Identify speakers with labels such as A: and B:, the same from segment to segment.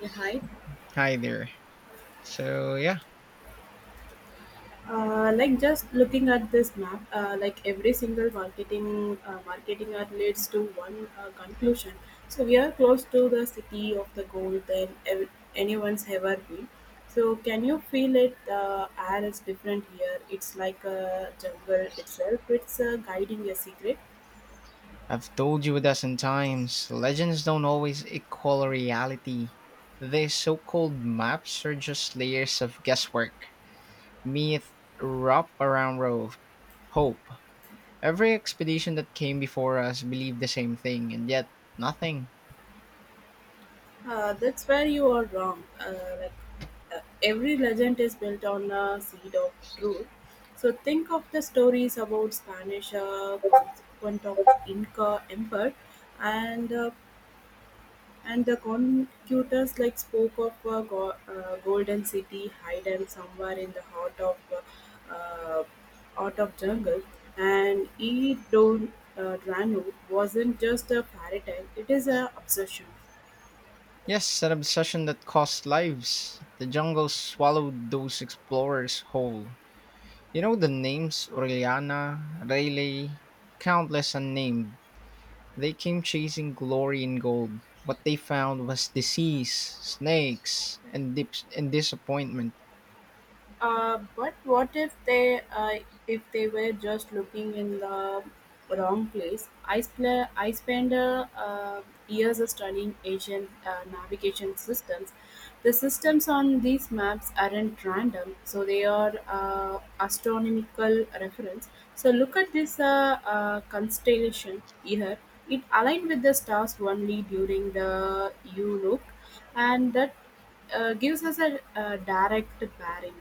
A: Yeah, hi.
B: Hi there. So, yeah,
A: Like just looking at this map, every single marketing marketing ad leads to one conclusion. So we are close to the city of the gold than anyone's ever been. So can you feel it? The air is different here. It's like a jungle itself. It's guiding a secret.
B: I've told you a dozen times legends don't always equal reality. These so called maps are just layers of guesswork, myth wrap around hope. Every expedition that came before us believed the same thing, and yet nothing.
A: That's where you are wrong. Like every legend is built on a seed of truth. So think of the stories about Spanish consequent of Inca Empire, and uh, and the conquistadors like spoke of a golden city hidden somewhere in the heart of uh, uh, out of jungle and E. Don Drano wasn't just a fairy tale; it is an obsession.
B: Yes, an obsession that cost lives. The jungle swallowed those explorers whole. You know the names Aureliana, Rayleigh, countless unnamed. They came chasing glory and gold. What they found was disease, snakes, and dips and disappointment.
A: But what if they were just looking in the wrong place? I spent years studying Asian navigation systems. The systems on these maps aren't random, so they are astronomical reference. So look at this constellation here. It aligned with the stars only during the U look, and that gives us a direct bearing.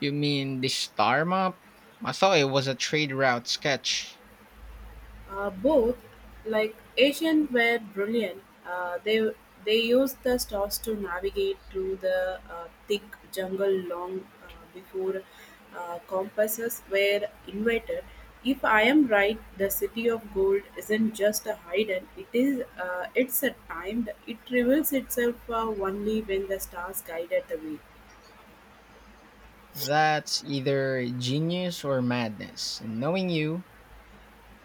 B: You mean the star map? I thought it was a trade route sketch.
A: Both, like Asian, were brilliant. They used the stars to navigate through the thick jungle long before compasses were invented. If I am right, the city of gold isn't just a hidden; it is it's a timed. It reveals itself only when the stars guided the way.
B: That's either genius or madness. And knowing you,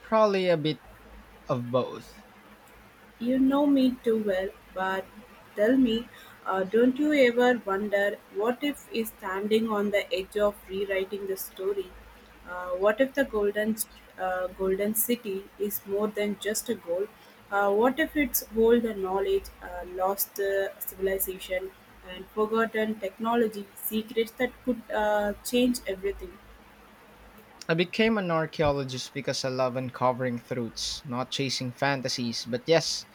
B: probably a bit of both.
A: You know me too well, but tell me, don't you ever wonder what if is standing on the edge of rewriting the story? What if the golden city is more than just a goal? What if it's hold the knowledge, lost civilization, and forgotten technology secrets that could change everything?
B: I became an archaeologist because I love uncovering truths, not chasing fantasies. But yes,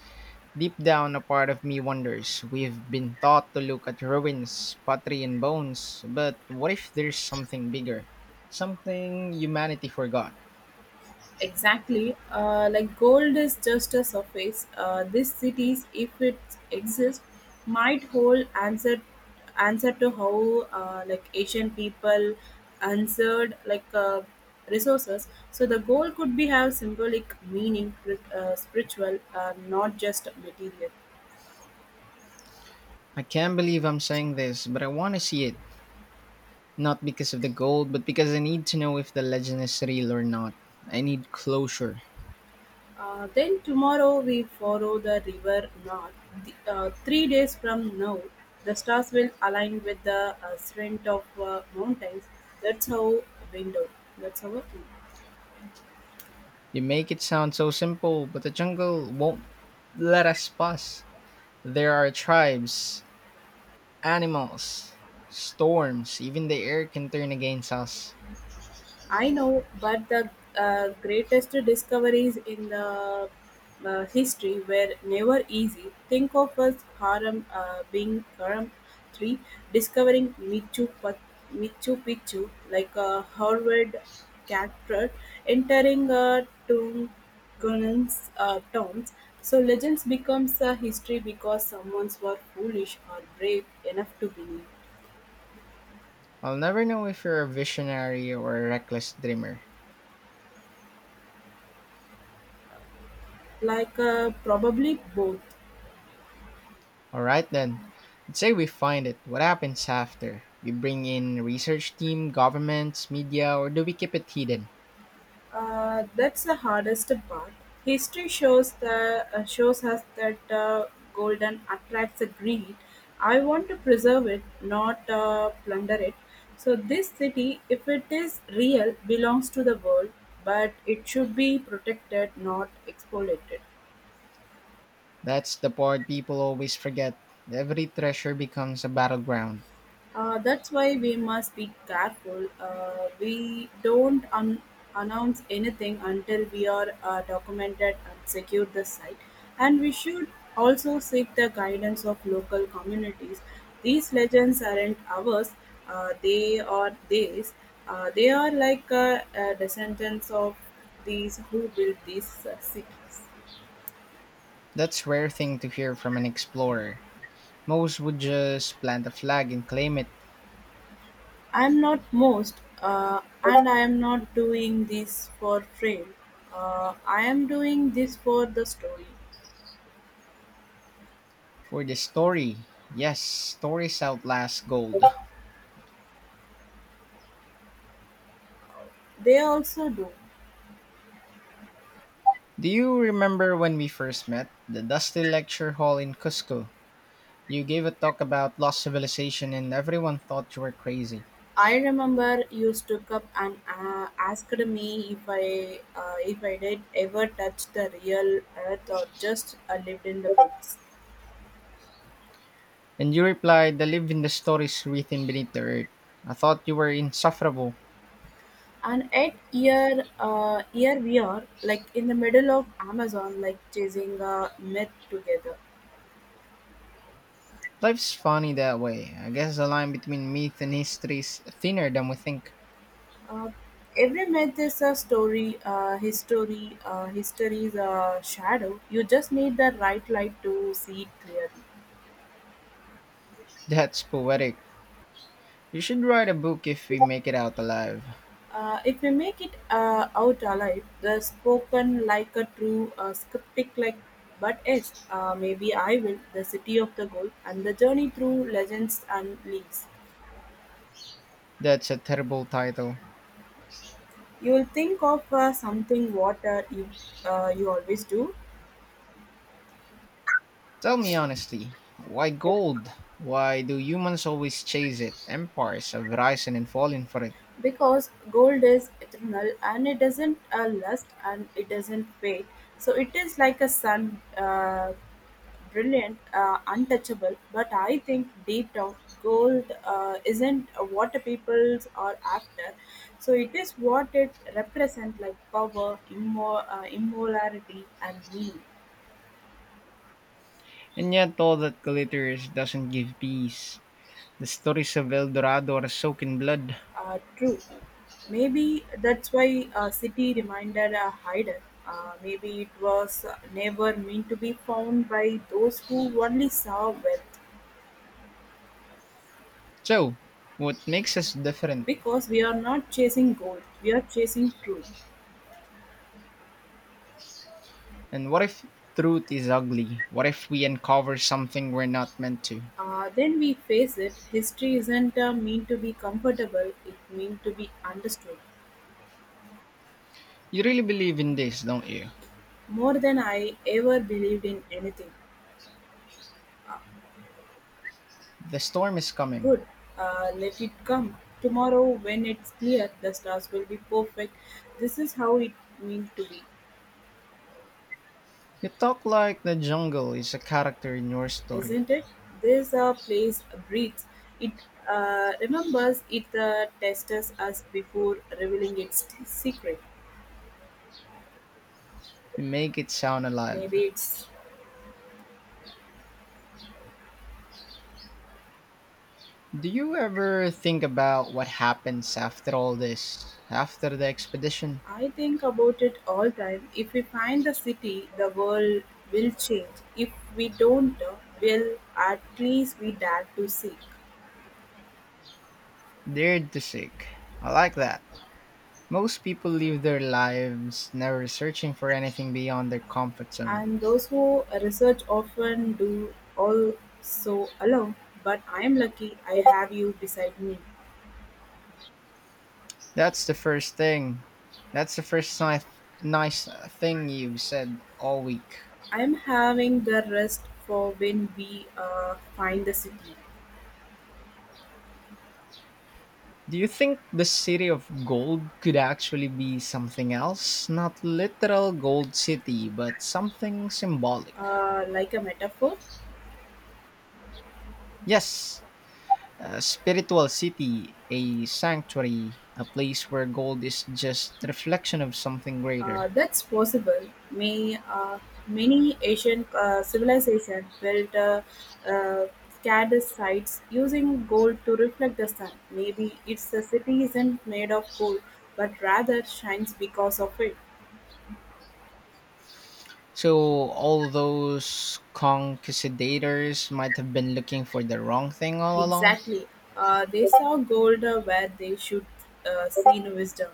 B: deep down, a part of me wonders. We've been taught to look at ruins, pottery, and bones, but what if there's something bigger? Something humanity forgot?
A: Exactly. Like gold is just a surface. These cities, if it exists, might hold answer to how like Asian people answered like resources. So the gold could be have symbolic meaning, spiritual, not just material.
B: I can't believe I'm saying this, but I want to see it. Not because of the gold, but because I need to know if the legend is real or not. I need closure.
A: Then tomorrow we follow the river north. 3 days from now, the stars will align with the strength of mountains. That's how window. That's our.
B: You make it sound so simple, but the jungle won't let us pass. There are tribes, animals, storms, even the air can turn against us.
A: I know, but the greatest discoveries in the history were never easy. Think of us Haram being Haram 3, discovering Michu Picchu like a Harvard character, entering Tungun's towns. So legends becomes a history because someone's were foolish or brave enough to believe,
B: I'll never know if you're a visionary or a reckless dreamer.
A: probably both.
B: Alright then, let's say we find it. What happens after? We bring in research team, governments, media, or do we keep it hidden?
A: That's the hardest part. History shows the shows us that golden attracts the greed. I want to preserve it, not plunder it. So this city, if it is real, belongs to the world, but it should be protected, not exploited.
B: That's the part people always forget. Every treasure becomes a battleground.
A: That's why we must be careful. We don't announce anything until we are documented and secure the site. And we should also seek the guidance of local communities. These legends aren't ours, they are theirs. They are like descendants of these who built these cities.
B: That's rare thing to hear from an explorer. Most would just plant a flag and claim it
A: I'm not most, and I am not doing this for fame. I am doing this for the story.
B: for the story. Yes, stories outlast gold.
A: They also do.
B: Do you remember when we first met? The dusty lecture hall in Cusco. You gave a talk about lost civilization and everyone thought you were crazy.
A: I remember you stood up and asked me if I did ever touch the real earth or just lived in the books.
B: And you replied, I live in the stories written beneath the earth. I thought you were insufferable.
A: And at here, here we are, like in the middle of Amazon, like chasing a myth together.
B: Life's funny that way. I guess the line between myth and history is thinner than we think.
A: Uh, every myth is a story, history is a shadow. You just need the right light to see it clearly.
B: That's poetic. You should write a book if we make it out alive.
A: If we make it out alive, the spoken like a true, scriptic like, but yes, maybe I will, the city of the gold, and the journey through legends and leaves.
B: That's a terrible title.
A: You will think of something what you always do.
B: Tell me honestly, why gold? Why do humans always chase it? Empires have risen and fallen for it.
A: Because gold is eternal and it doesn't lust and it doesn't fade, so it is like a sun, brilliant, untouchable. But I think deep down, gold isn't what the peoples are after. So it is what it represents, like power, immorality, and meaning.
B: And yet all that glitters doesn't give peace. The stories of El Dorado are soaked in blood.
A: True. Maybe that's why City reminded a hider. Maybe it was never meant to be found by those who only saw wealth.
B: So, what makes us different?
A: Because we are not chasing gold, we are chasing truth.
B: And what if truth is ugly? What if we uncover something we're not meant to?
A: Then we face it, history isn't meant to be comfortable, it meant to be understood.
B: You really believe in this, don't you?
A: More than I ever believed in anything.
B: The storm is coming.
A: Good. Let it come. Tomorrow, when it's clear, the stars will be perfect. This is how it meant to be,
B: You talk like the jungle is a character in your story.
A: isn't it? This place breathes. It remembers it tests us before revealing its secret.
B: You make it sound alive.
A: Maybe it's.
B: Do you ever think about what happens after all this? After the expedition?
A: I think about it all time. If we find the city, the world will change. If we don't, well, at least we dare to seek.
B: Dared to seek. I like that. Most people live their lives never searching for anything beyond their comfort zone.
A: And those who research often do also alone, but I'm lucky I have you beside me.
B: That's the first thing. That's the first nice thing you've said all week.
A: I'm having the rest for when we find the city,
B: Do you think the city of gold could actually be something else? Not literal gold city, but something symbolic.
A: like a metaphor.
B: Yes, a spiritual city, a sanctuary, a place where gold is just reflection of something greater.
A: That's possible. May Many Asian civilization built uh, scattered sites using gold to reflect the sun. Maybe it's the city isn't made of gold, but rather shines because of it.
B: So all those conquistadors might have been looking for the wrong thing all along,
A: Exactly. They saw gold where they should see no wisdom.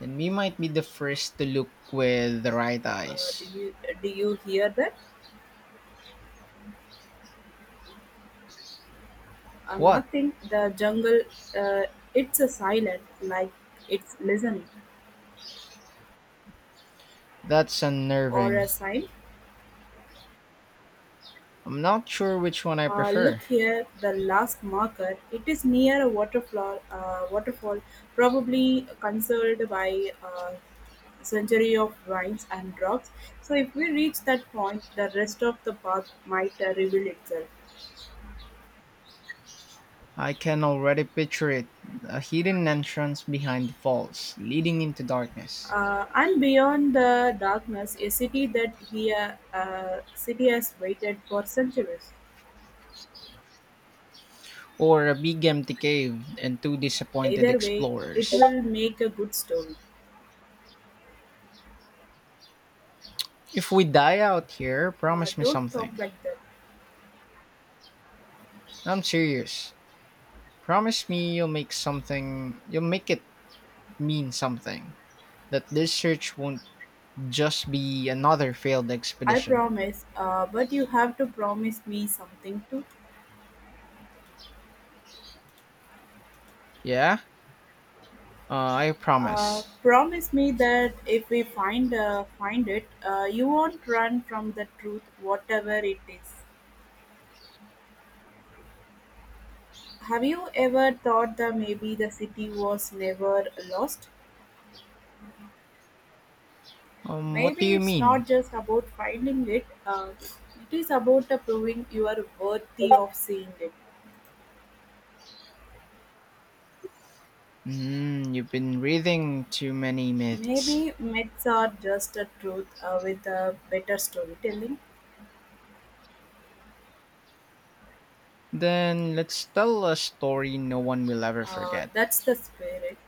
B: and we might be the first to look with the right
A: Uh, do
B: eyes.
A: you do you hear that?
B: What?
A: Nothing. The jungle. Uh, it's a silent, like it's listening,
B: That's
A: or
B: unnerving.
A: a sign.
B: I'm not sure which one I
A: Look
B: prefer.
A: here, the last marker. It is near a waterfall. Waterfall, probably conserved by century of vines and rocks. So if we reach that point, the rest of the path might reveal itself.
B: I can already picture it, a hidden entrance behind the falls, leading into darkness,
A: And beyond the darkness, a city that here city has waited for centuries.
B: or a big empty cave and two disappointed
A: Either way, it
B: explorers.
A: will make a good story.
B: If we die out here, promise me
A: Don't talk
B: something.
A: like that.
B: I'm serious. Promise me you'll make something, you'll make it mean something. That this search won't just be another failed
A: I
B: expedition.
A: promise, but you have to promise me something too.
B: Yeah? I promise.
A: Promise me that if we find it, you won't run from the truth, whatever it is. Have you ever thought that maybe the city was never lost?
B: What do
A: Maybe
B: you
A: it's
B: mean?
A: not just about finding it, it is about proving you are worthy of seeing it.
B: Mm, you've been reading too many myths.
A: Maybe myths are just a truth with a better storytelling.
B: Then let's tell a story no one will ever forget.
A: That's the spirit.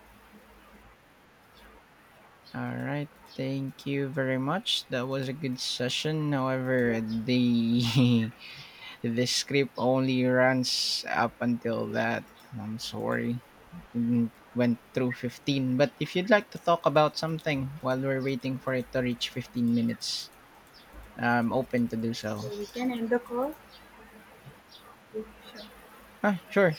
B: All right, thank you very much. That was a good session. However,
A: Yeah.
B: the script only runs up until that. I'm sorry. It went through 15. But if you'd like to talk about something while we're waiting for it to reach 15 minutes, I'm open to do so.
A: So we can end the call. Yeah, sure.
B: Ah, sure.